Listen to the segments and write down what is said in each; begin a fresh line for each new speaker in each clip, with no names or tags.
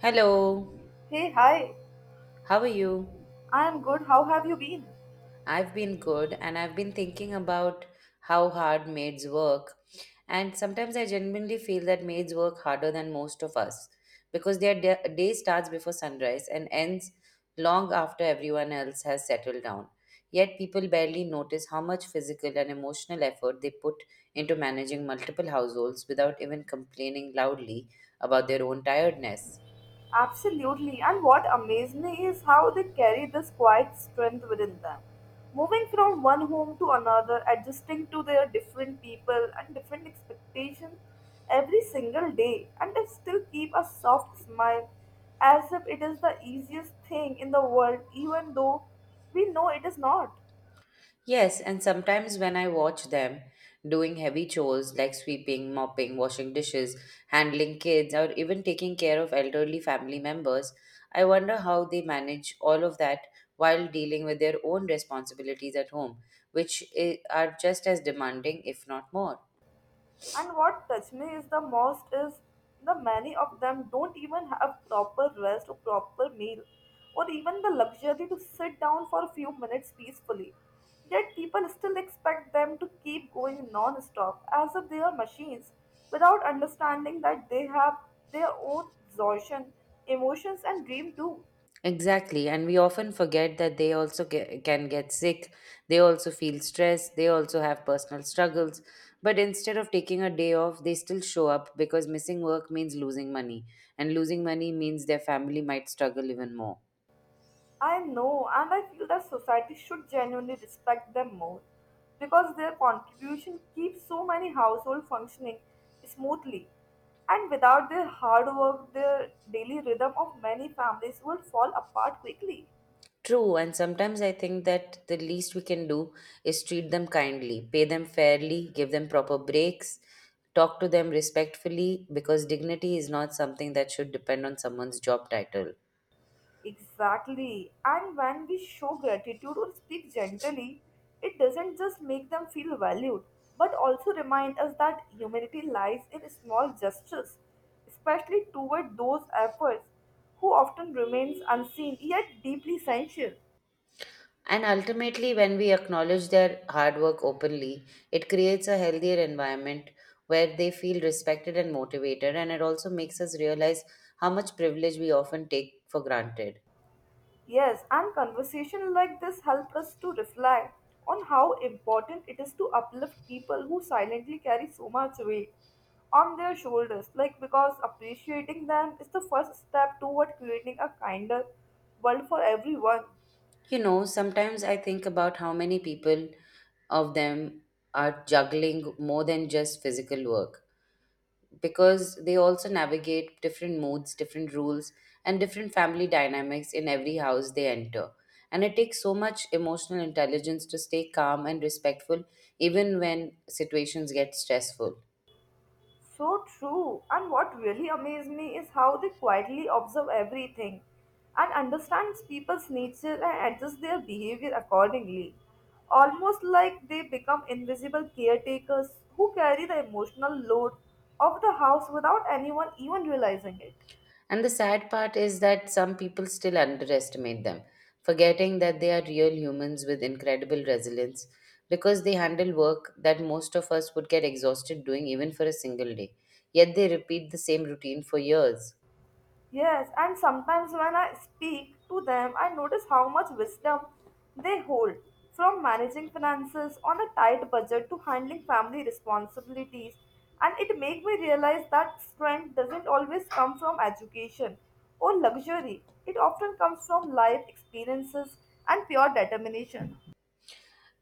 Hello,
Hey, hi.
how are you?
I am good. How have you been?
I've been good and I've been thinking about how hard maids work. And sometimes I genuinely feel that maids work harder than most of us because their day starts before sunrise and ends long after everyone else has settled down. Yet people barely notice how much physical and emotional effort they put into managing multiple households without even complaining loudly about their own tiredness.
Absolutely. And what amazed me is how they carry this quiet strength within them. Moving from one home to another, adjusting to their different people and different expectations every single day, and they still keep a soft smile as if it is the easiest thing in the world, even though we know it is not.
Yes, and sometimes when I watch them doing heavy chores like sweeping, mopping, washing dishes, handling kids, or even taking care of elderly family members, I wonder how they manage all of that while dealing with their own responsibilities at home, which are just as demanding, if not more.
And what touched me is the most is the many of them don't even have proper rest or proper meal or even the luxury to sit down for a few minutes peacefully. Yet people still expect them to keep going non-stop as if they are machines without understanding that they have their own exhaustion, emotions and dream too.
Exactly. And we often forget that they also can get sick. They also feel stressed. They also have personal struggles. But instead of taking a day off, they still show up because missing work means losing money. And losing money means their family might struggle even more.
I know, and I feel that society should genuinely respect them more because their contribution keeps so many households functioning smoothly. And without their hard work, their daily rhythm of many families would fall apart quickly.
True. And sometimes I think that the least we can do is treat them kindly, pay them fairly, give them proper breaks, talk to them respectfully because dignity is not something that should depend on someone's job title.
Exactly. And when we show gratitude or speak gently, it doesn't just make them feel valued, but also remind us that humanity lies in small gestures, especially toward those efforts who often remains unseen yet deeply essential.
And ultimately, when we acknowledge their hard work openly, it creates a healthier environment where they feel respected and motivated. And it also makes us realize how much privilege we often take for granted.
Yes, and conversation like this help us to reflect on how important it is to uplift people who silently carry so much weight on their shoulders. Like because appreciating them is the first step toward creating a kinder world for everyone.
You know, sometimes I think about how many people of them are juggling more than just physical work, because they also navigate different moods, different rules, and different family dynamics in every house they enter. And it takes so much emotional intelligence to stay calm and respectful even when situations get stressful.
So true. And what really amazed me is how they quietly observe everything and understands people's nature and adjust their behavior accordingly. Almost like they become invisible caretakers who carry the emotional load of the house without anyone even realizing it.
And the sad part is that some people still underestimate them, forgetting that they are real humans with incredible resilience because they handle work that most of us would get exhausted doing even for a single day. Yet they repeat the same routine for years.
Yes, and sometimes when I speak to them, I notice how much wisdom they hold from managing finances on a tight budget to handling family responsibilities. And it makes me realize that strength doesn't always come from education or luxury, it often comes from life experiences and pure determination.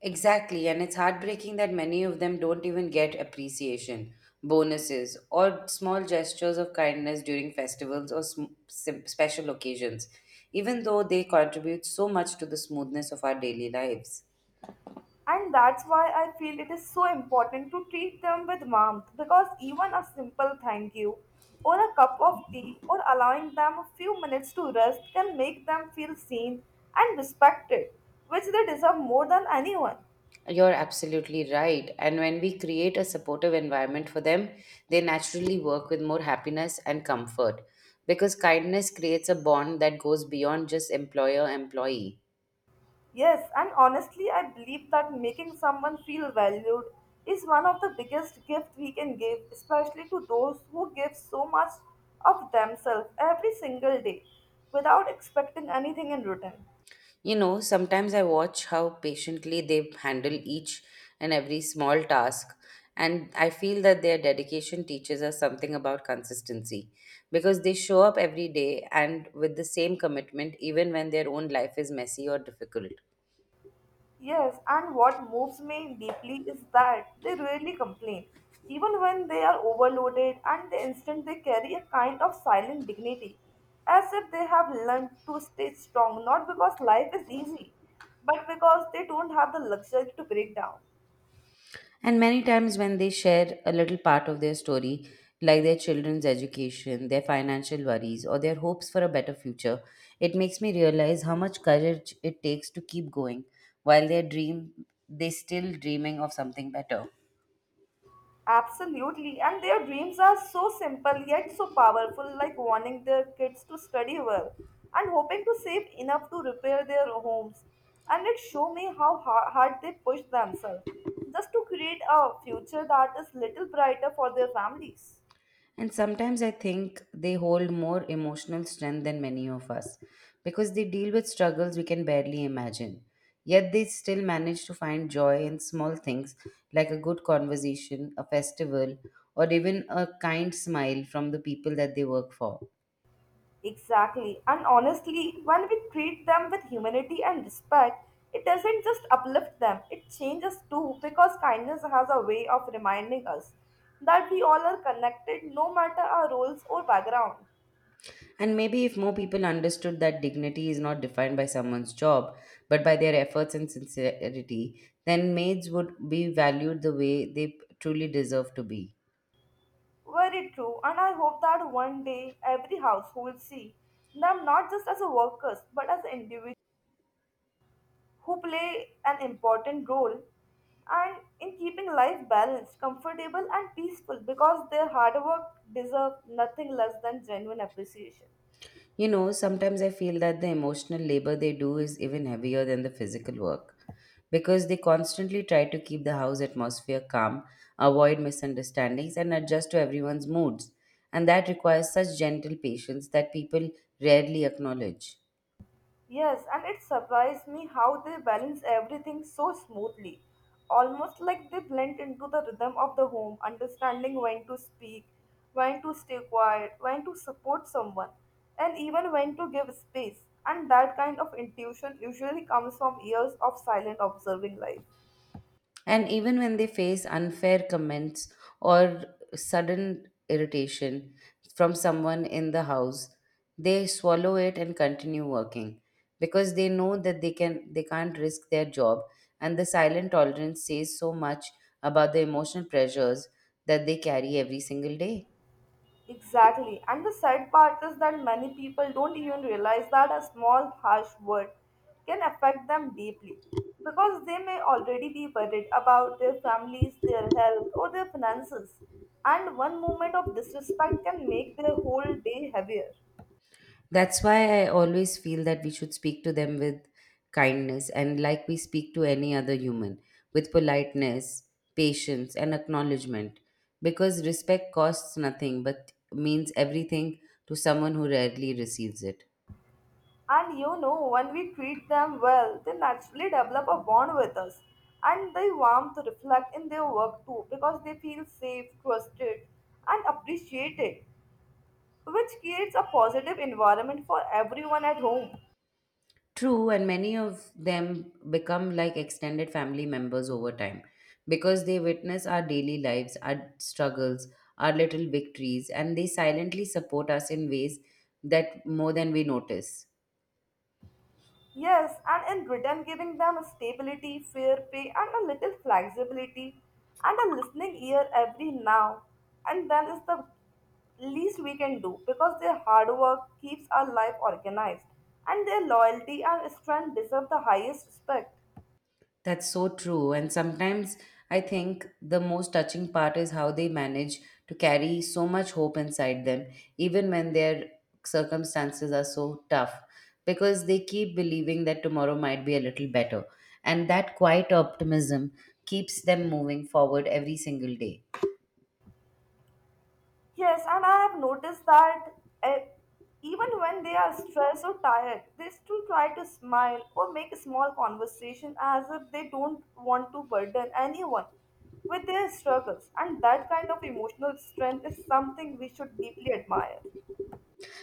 Exactly, and it's heartbreaking that many of them don't even get appreciation, bonuses, or small gestures of kindness during festivals or special occasions, even though they contribute so much to the smoothness of our daily lives.
And that's why I feel it is so important to treat them with warmth because even a simple thank you or a cup of tea or allowing them a few minutes to rest can make them feel seen and respected, which they deserve more than anyone.
You're absolutely right. And when we create a supportive environment for them, they naturally work with more happiness and comfort because kindness creates a bond that goes beyond just employer employee.
Yes, and honestly, I believe that making someone feel valued is one of the biggest gifts we can give, especially to those who give so much of themselves every single day without expecting anything in return.
You know, sometimes I watch how patiently they handle each and every small task, and I feel that their dedication teaches us something about consistency because they show up every day and with the same commitment, even when their own life is messy or difficult.
Yes, and what moves me deeply is that they rarely complain, even when they are overloaded, and the instant they carry a kind of silent dignity, as if they have learned to stay strong not because life is easy, but because they don't have the luxury to break down.
And many times, when they share a little part of their story, like their children's education, their financial worries, or their hopes for a better future, it makes me realize how much courage it takes to keep going while they dream, they still dreaming of something better.
Absolutely, and their dreams are so simple yet so powerful, like wanting their kids to study well and hoping to save enough to repair their homes. And it show me how hard they push themselves just to create a future that is little brighter for their families.
And sometimes I think they hold more emotional strength than many of us because they deal with struggles we can barely imagine. Yet they still manage to find joy in small things like a good conversation, a festival, or even a kind smile from the people that they work for.
Exactly. And honestly, when we treat them with humanity and respect, it doesn't just uplift them, it changes too because kindness has a way of reminding us that we all are connected no matter our roles or background.
And maybe if more people understood that dignity is not defined by someone's job but by their efforts and sincerity, then maids would be valued the way they truly deserve to be.
Very true, and I hope that one day every household see them not just as workers but as individuals who play an important role and in keeping life balanced, comfortable and peaceful because their hard work deserve nothing less than genuine appreciation.
You know, sometimes I feel that the emotional labor they do is even heavier than the physical work because they constantly try to keep the house atmosphere calm, avoid misunderstandings, and adjust to everyone's moods. And that requires such gentle patience that people rarely acknowledge.
Yes, and it surprised me how they balance everything so smoothly, almost like they blend into the rhythm of the home, understanding when to speak, when to stay quiet, when to support someone, and even when to give space. And that kind of intuition usually comes from years of silent observing life.
And even when they face unfair comments or sudden irritation from someone in the house, they swallow it and continue working because they know that they can't risk their job, and the silent tolerance says so much about the emotional pressures that they carry every single day.
Exactly. And the sad part is that many people don't even realize that a small harsh word can affect them deeply because they may already be worried about their families, their health, or their finances. And one moment of disrespect can make their whole day heavier.
That's why I always feel that we should speak to them with kindness and like we speak to any other human, with politeness, patience, and acknowledgement. Because respect costs nothing but means everything to someone who rarely receives it.
And you know, when we treat them well, they naturally develop a bond with us. And they warmth reflect in their work too because they feel safe, trusted, and appreciated, which creates a positive environment for everyone at home.
True, and many of them become like extended family members over time because they witness our daily lives, our struggles, our little victories, and they silently support us in ways that more than we notice.
Yes, and in return, giving them stability, fair pay, and a little flexibility, and a listening ear every now and then is the least we can do because their hard work keeps our life organized, and their loyalty and strength deserve the highest respect.
That's so true. And sometimes I think the most touching part is how they manage to carry so much hope inside them, even when their circumstances are so tough, because they keep believing that tomorrow might be a little better. And that quiet optimism keeps them moving forward every single day.
Yes, and I have noticed that uh, even when they are stressed or tired, they still try to smile or make a small conversation as if they don't want to burden anyone with their struggles. And that kind of emotional strength is something we should deeply admire.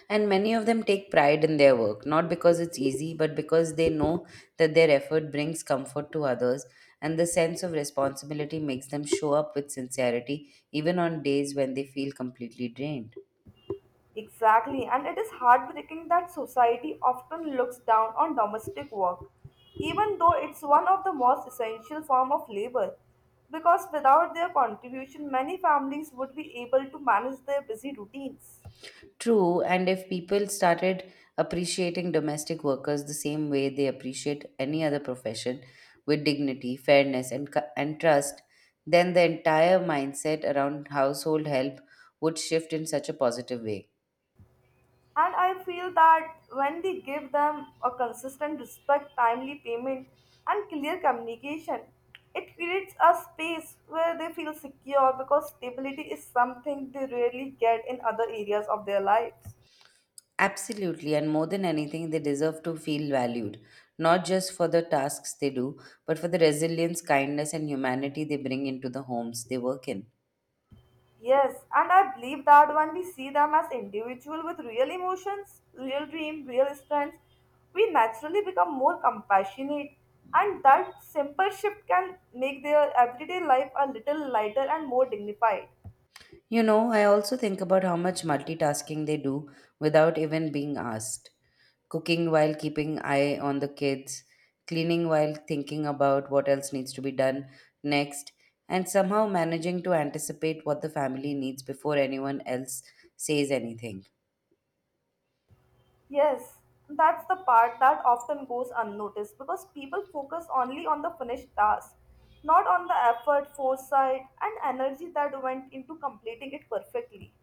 And many of them take pride in their work, not because it's easy, but because they know that their effort brings comfort to others, and the sense of responsibility makes them show up with sincerity, even on days when they feel completely drained.
Exactly, and it is heartbreaking that society often looks down on domestic work, even though it's one of the most essential form of labor. Because without their contribution, many families would be able to manage their busy routines.
True, and if people started appreciating domestic workers the same way they appreciate any other profession with dignity, fairness, and trust, then the entire mindset around household help would shift in such a positive way.
And I feel that when we give them a consistent respect, timely payment, and clear communication, it creates a space where they feel secure because stability is something they rarely get in other areas of their lives.
Absolutely, and more than anything, they deserve to feel valued, not just for the tasks they do, but for the resilience, kindness, and humanity they bring into the homes they work in.
Yes, and I believe that when we see them as individual with real emotions, real dream, real strengths, we naturally become more compassionate, and that simple shift can make their everyday life a little lighter and more dignified.
You know, I also think about how much multitasking they do without even being asked. Cooking while keeping eye on the kids, cleaning while thinking about what else needs to be done next, and somehow managing to anticipate what the family needs before anyone else says anything.
Yes, that's the part that often goes unnoticed because people focus only on the finished task, not on the effort, foresight, and energy that went into completing it perfectly.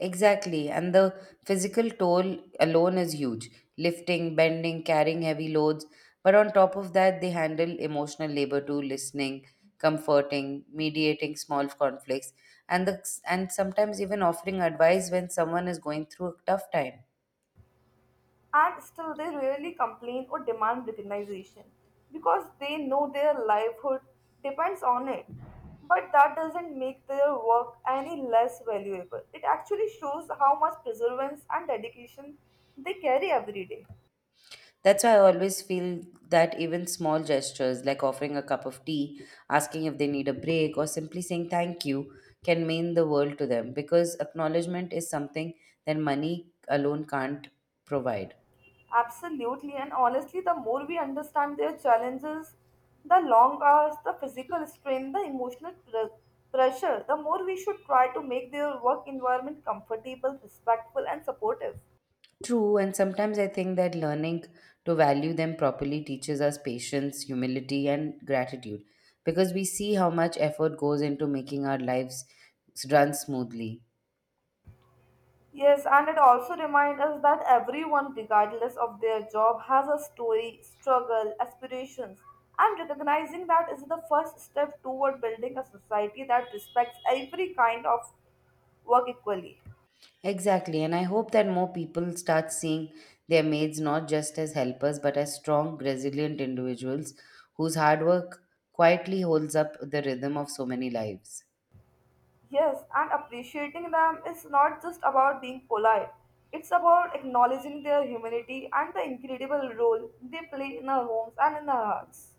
Exactly, and the physical toll alone is huge lifting, bending, carrying heavy loads. But on top of that, they handle emotional labor too, listening, comforting, mediating small conflicts, and sometimes even offering advice when someone is going through a tough time.
And still they rarely complain or demand recognition because they know their livelihood depends on it. But that doesn't make their work any less valuable. It actually shows how much perseverance and dedication they carry every day.
That's why I always feel that even small gestures like offering a cup of tea, asking if they need a break, or simply saying thank you can mean the world to them because acknowledgement is something that money alone can't provide.
Absolutely, and honestly, the more we understand their challenges, the long hours, the physical strain, the emotional pres pressure, the more we should try to make their work environment comfortable, respectful, and supportive.
True, and sometimes I think that learning to value them properly teaches us patience, humility, and gratitude because we see how much effort goes into making our lives run smoothly.
Yes, and it also reminds us that everyone, regardless of their job, has a story, struggle, aspirations, and recognizing that is the first step toward building a society that respects every kind of work equally.
Exactly, and I hope that more people start seeing their maids not just as helpers but as strong, resilient individuals whose hard work quietly holds up the rhythm of so many lives.
Yes, and appreciating them is not just about being polite, it's about acknowledging their humanity and the incredible role they play in our homes and in our hearts.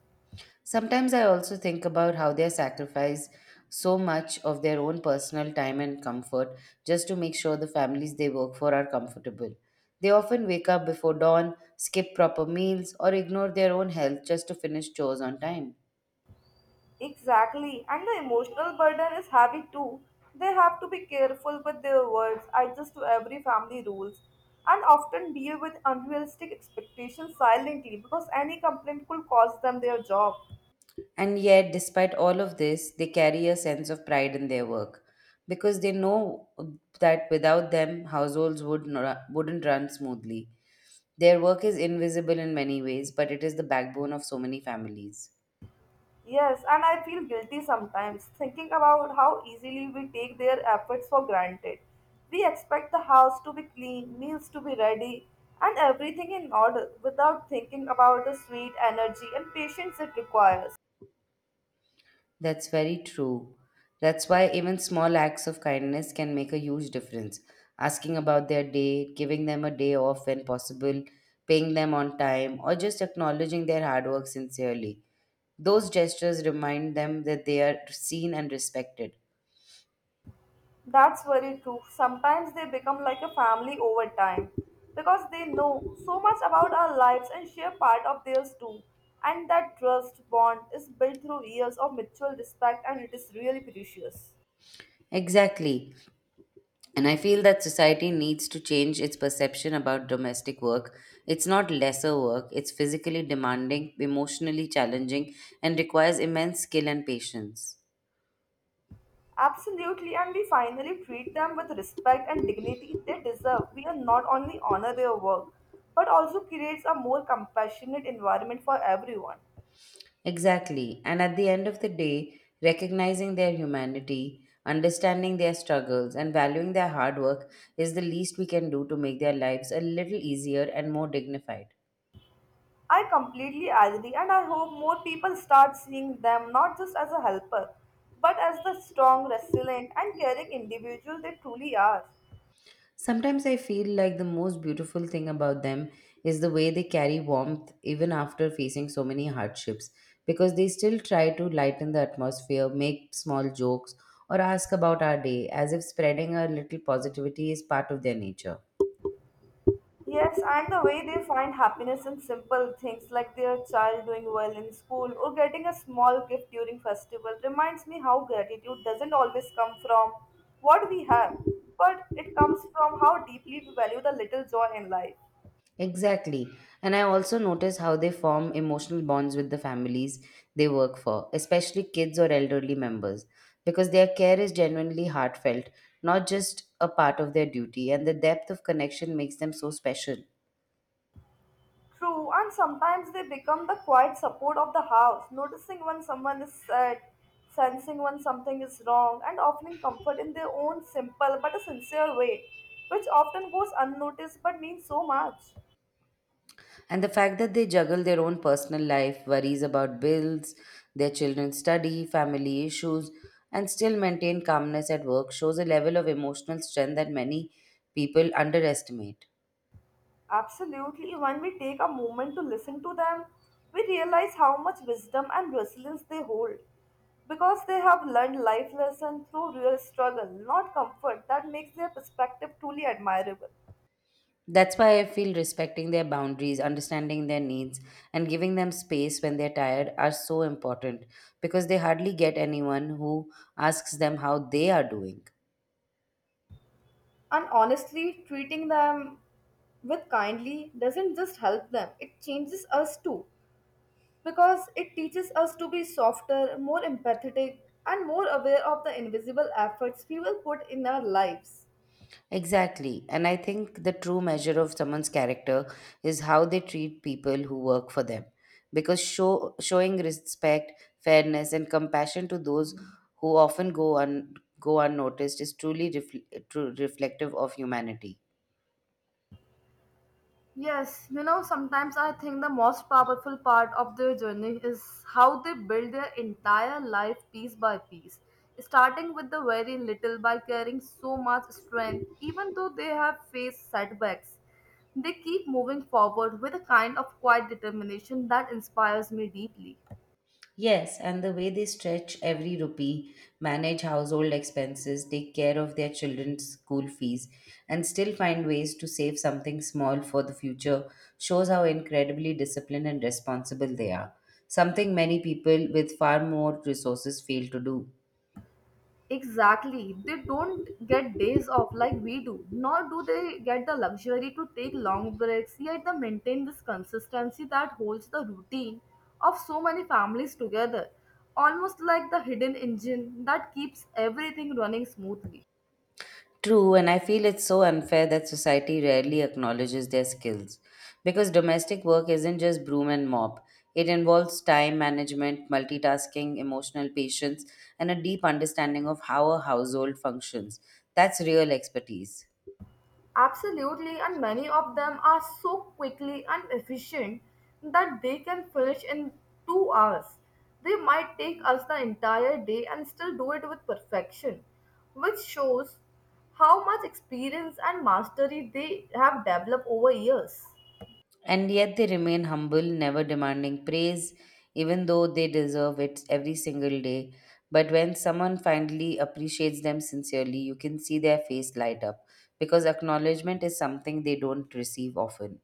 Sometimes I also think about how they sacrifice so much of their own personal time and comfort just to make sure the families they work for are comfortable. They often wake up before dawn, skip proper meals, or ignore their own health just to finish chores on time.
Exactly, and the emotional burden is heavy too. They have to be careful with their words, adjust to every family rules, and often deal with unrealistic expectations silently because any complaint could cost them their job.
And yet, despite all of this, they carry a sense of pride in their work because they know that without them, households wouldn't run smoothly. Their work is invisible in many ways, but it is the backbone of so many families.
Yes, and I feel guilty sometimes thinking about how easily we take their efforts for granted. We expect the house to be clean, meals to be ready, and everything in order without thinking about the sweet energy and patience it requires.
That's very true. That's why even small acts of kindness can make a huge difference. Asking about their day, giving them a day off when possible, paying them on time, or just acknowledging their hard work sincerely. Those gestures remind them that they are seen and respected.
That's very true. Sometimes they become like a family over time because they know so much about our lives and share part of theirs too. And that trust bond is built through years of mutual respect and it is really precious.
Exactly. And I feel that society needs to change its perception about domestic work. It's not lesser work, it's physically demanding, emotionally challenging, and requires immense skill and patience.
Absolutely, and we finally treat them with respect and dignity they deserve. We are not only honor their work, but also creates a more compassionate environment for everyone.
Exactly. And at the end of the day, recognizing their humanity, understanding their struggles, and valuing their hard work is the least we can do to make their lives a little easier and more dignified.
I completely agree, and I hope more people start seeing them not just as a helper, but as the strong, resilient, and caring individual they truly are.
Sometimes I feel like the most beautiful thing about them is the way they carry warmth even after facing so many hardships, because they still try to lighten the atmosphere, make small jokes, or ask about our day as if spreading a little positivity is part of their nature.
Yes, and the way they find happiness in simple things like their child doing well in school or getting a small gift during festival reminds me how gratitude doesn't always come from what we have, but it comes from how deeply we value the little joy in life.
Exactly. And I also notice how they form emotional bonds with the families they work for, especially kids or elderly members, because their care is genuinely heartfelt, not just a part of their duty, and the depth of connection makes them so special.
True, and sometimes they become the quiet support of the house, noticing when someone is sad, sensing when something is wrong, and offering comfort in their own simple but a sincere way, which often goes unnoticed but means so much.
And the fact that they juggle their own personal life, worries about bills, their children's study, family issues, and still maintain calmness at work shows a level of emotional strength that many people underestimate.
Absolutely, when we take a moment to listen to them, we realize how much wisdom and resilience they hold because they have learned life lessons through real struggle, not comfort, that makes their perspective truly admirable.
That's why I feel respecting their boundaries, understanding their needs, and giving them space when they're tired are so important because they hardly get anyone who asks them how they are doing.
And honestly, treating them with kindly doesn't just help them, it changes us too. Because it teaches us to be softer, more empathetic, and more aware of the invisible efforts we will put in our lives.
Exactly. And I think the true measure of someone's character is how they treat people who work for them. Because showing respect, fairness, and compassion to those who go unnoticed is truly reflective of humanity.
Yes, you know, sometimes I think the most powerful part of their journey is how they build their entire life piece by piece, starting with the very little by carrying so much strength, even though they have faced setbacks. They keep moving forward with a kind of quiet determination that inspires me deeply.
Yes, and the way they stretch every rupee, manage household expenses, take care of their children's school fees, and still find ways to save something small for the future shows how incredibly disciplined and responsible they are. Something many people with far more resources fail to do.
Exactly. They don't get days off like we do, nor do they get the luxury to take long breaks, yet they maintain this consistency that holds the routine of so many families together, almost like the hidden engine that keeps everything running smoothly.
True, and I feel it's so unfair that society rarely acknowledges their skills. Because domestic work isn't just broom and mop, it involves time management, multitasking, emotional patience, and a deep understanding of how a household functions. That's real expertise.
Absolutely, and many of them are so quickly and efficient that they can finish in 2 hours. They might take us the entire day and still do it with perfection, which shows how much experience and mastery they have developed over years.
And yet they remain humble, never demanding praise, even though they deserve it every single day. But when someone finally appreciates them sincerely, you can see their face light up because acknowledgement is something they don't receive often.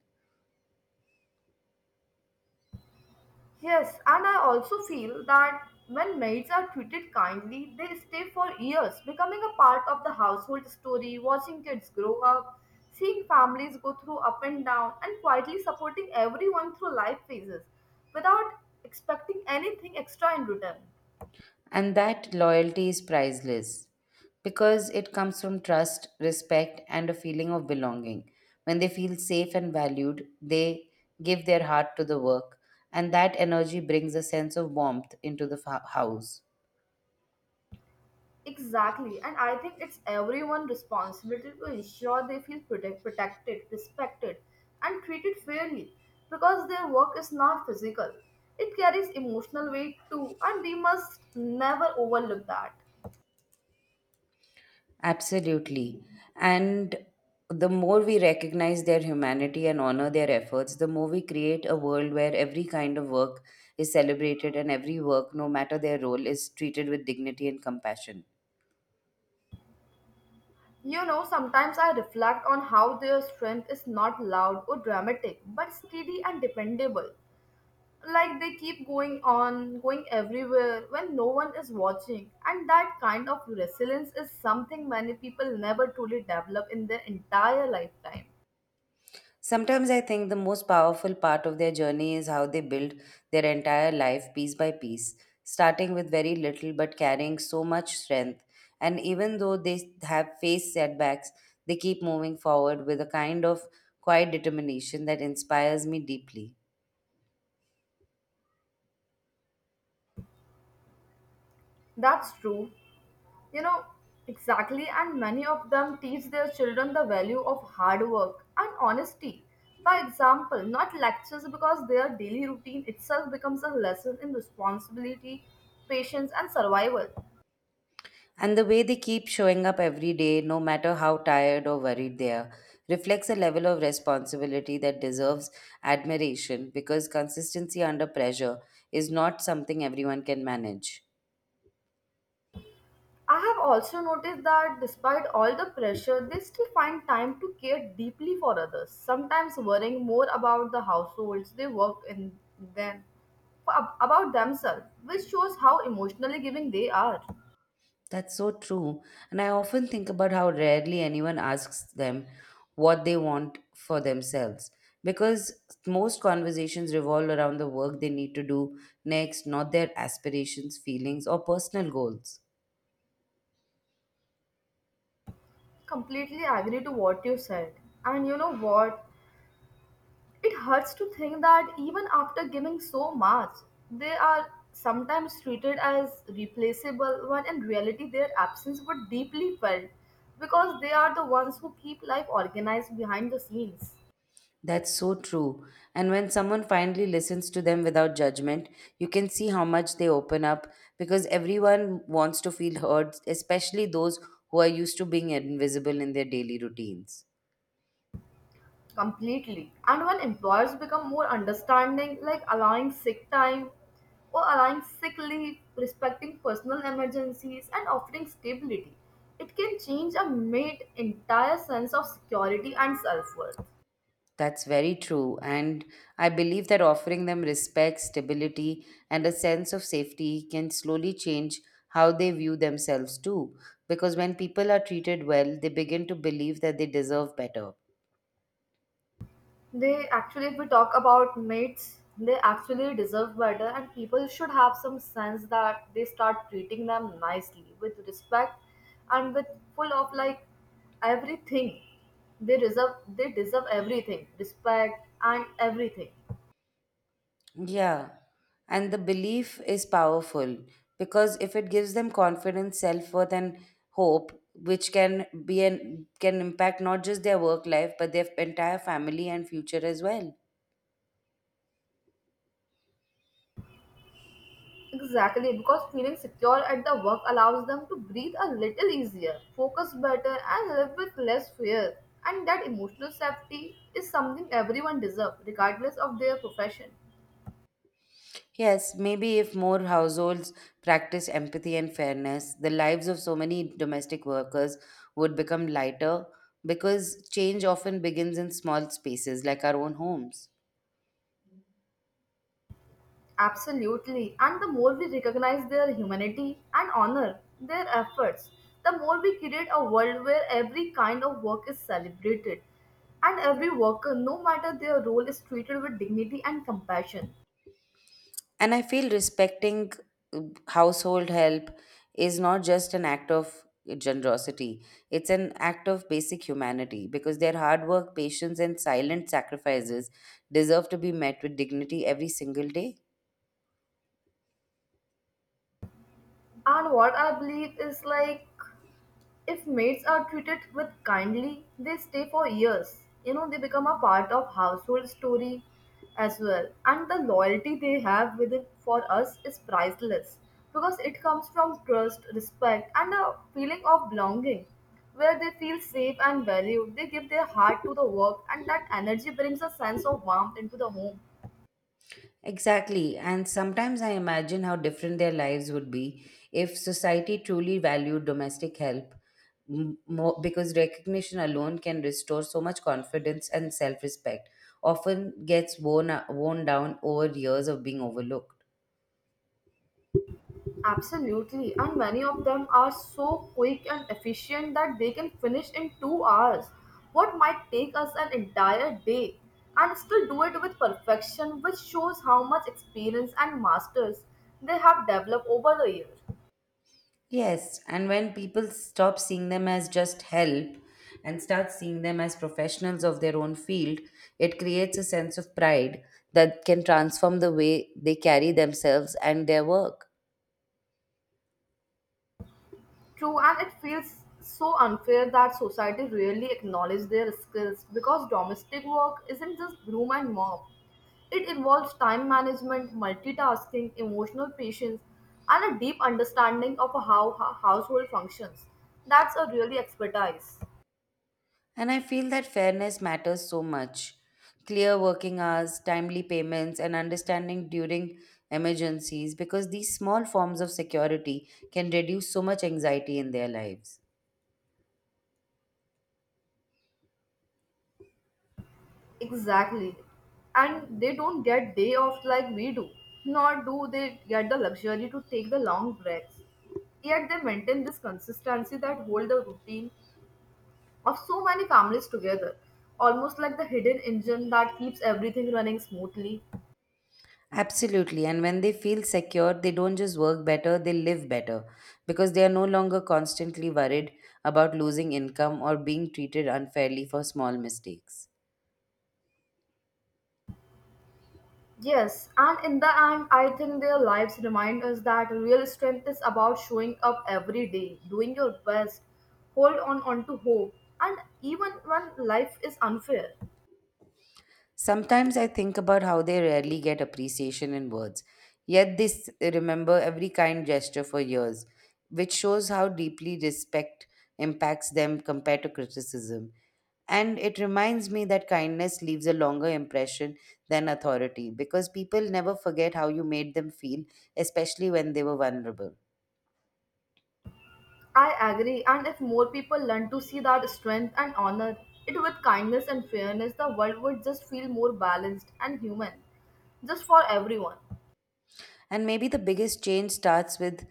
Yes, and I also feel that when maids are treated kindly, they stay for years, becoming a part of the household story, watching kids grow up, seeing families go through up and down, and quietly supporting everyone through life phases without expecting anything extra in return.
And that loyalty is priceless because it comes from trust, respect, and a feeling of belonging. When they feel safe and valued, they give their heart to the work, and that energy brings a sense of warmth into the house.
Exactly, and I think it's everyone's responsibility to ensure they feel protected, respected, and treated fairly because their work is not physical. It carries emotional weight too, and we must never overlook that.
Absolutely. And the more we recognize their humanity and honor their efforts, the more we create a world where every kind of work is celebrated and every work, no matter their role, is treated with dignity and compassion.
You know, sometimes I reflect on how their strength is not loud or dramatic, but steady and dependable, like they keep going everywhere when no one is watching, and that kind of resilience is something many people never truly develop in their entire lifetime.
Sometimes I think the most powerful part of their journey is how they build their entire life piece by piece, starting with very little but carrying so much strength. And even though they have faced setbacks, they keep moving forward with a kind of quiet determination that inspires me deeply.
That's true, you know. Exactly, and many of them teach their children the value of hard work and honesty by example, not lectures, because their daily routine itself becomes a lesson in responsibility, patience, and survival.
And the way they keep showing up every day, no matter how tired or worried they are, reflects a level of responsibility that deserves admiration because consistency under pressure is not something everyone can manage.
I have also noticed that despite all the pressure, they still find time to care deeply for others, sometimes worrying more about the households they work in than about themselves, which shows how emotionally giving they are.
That's so true. And I often think about how rarely anyone asks them what they want for themselves because most conversations revolve around the work they need to do next, not their aspirations, feelings, or personal goals.
Completely agree to what you said. And you know what? It hurts to think that even after giving so much, they are sometimes treated as replaceable when in reality their absence was deeply felt because they are the ones who keep life organized behind the scenes
That's so true. And when someone finally listens to them without judgment, you can see how much they open up because everyone wants to feel heard, especially those who are used to being invisible in their daily routines.
completely. And when employers become more understanding, like allowing sick time or allowing sick leave, respecting personal emergencies, and offering stability, it can change a mate's entire sense of security and self worth.
That's very true. And I believe that offering them respect, stability, and a sense of safety can slowly change how they view themselves too. Because when people are treated well, they begin to believe that they deserve better.
They actually, if we talk about mates, they actually deserve better, and people should have some sense that they start treating them nicely with respect and with full of like everything. They deserve everything, respect and everything.
Yeah. And the belief is powerful because if it gives them confidence, self-worth and hope, which can be an can impact not just their work life but their entire family and future as well.
Exactly, because feeling secure at the work allows them to breathe a little easier, focus better, and live with less fear. And that emotional safety is something everyone deserves, regardless of their profession.
Yes, maybe if more households practice empathy and fairness, the lives of so many domestic workers would become lighter because change often begins in small spaces like our own homes.
Absolutely. And the more we recognize their humanity and honor their efforts, the more we create a world where every kind of work is celebrated and every worker, no matter their role, is treated with dignity and compassion.
And I feel respecting uh, household help is not just an act of generosity, it's an act of basic humanity because their hard work, patience, and silent sacrifices deserve to be met with dignity every single day.
And what I believe is like, if maids are treated with kindly, they stay for years. You know, they become a part of household story as well. And the loyalty they have with it for us is priceless because it comes from trust, respect, and a feeling of belonging. Where they feel safe and valued, they give their heart to the work, and that energy brings a sense of warmth into the home.
Exactly, and sometimes I imagine how different their lives would be if society truly valued domestic help more, because recognition alone can restore so much confidence and self respect, often gets worn down over years of being overlooked.
Absolutely, and many of them are so quick and efficient that they can finish in 2 hours what might take us an entire day and still do it with perfection, which shows how much experience and masters they have developed over the years.
Yes, and when people stop seeing them as just help and start seeing them as professionals of their own field, it creates a sense of pride that can transform the way they carry themselves and their work.
True, and it feels so unfair that society rarely acknowledges their skills because domestic work isn't just broom and mop. It involves time management, multitasking, emotional patience, and a deep understanding of how a household functions. That's a really expertise.
And I feel that fairness matters so much. Clear working hours, timely payments, and understanding during emergencies because these small forms of security can reduce so much anxiety in their lives.
Exactly. And they don't get day off like we do, nor do they get the luxury to take the long breaks. Yet they maintain this consistency that hold the routine of so many families together, almost like the hidden engine that keeps everything running smoothly.
Absolutely. And when they feel secure, they don't just work better, they live better because they are no longer constantly worried about losing income or being treated unfairly for small mistakes.
Yes, and in the end, I think their lives remind us that real strength is about showing up every day, doing your best, hold on onto hope, and even when life is unfair.
Sometimes I think about how they rarely get appreciation in words, yet they remember every kind gesture for years, which shows how deeply respect impacts them compared to criticism. And it reminds me that kindness leaves a longer impression than authority because people never forget how you made them feel, especially when they were vulnerable.
I agree, and if more people learn to see that strength and honor it with kindness and fairness, the world would just feel more balanced and human, just for everyone.
And maybe the biggest change starts with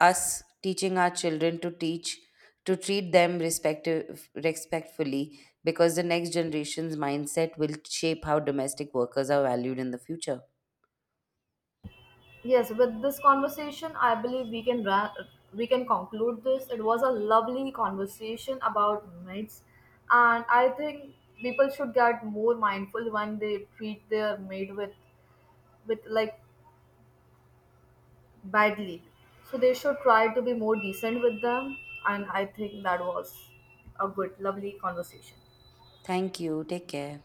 us teaching our children to treat them respectfully because the next generation's mindset will shape how domestic workers are valued in the future.
Yes, with this conversation, I believe we can conclude this. It was a lovely conversation about mates, and I think people should get more mindful when they treat their mate with like badly. So they should try to be more decent with them, and I think that was a good, lovely conversation.
Thank you. Take care.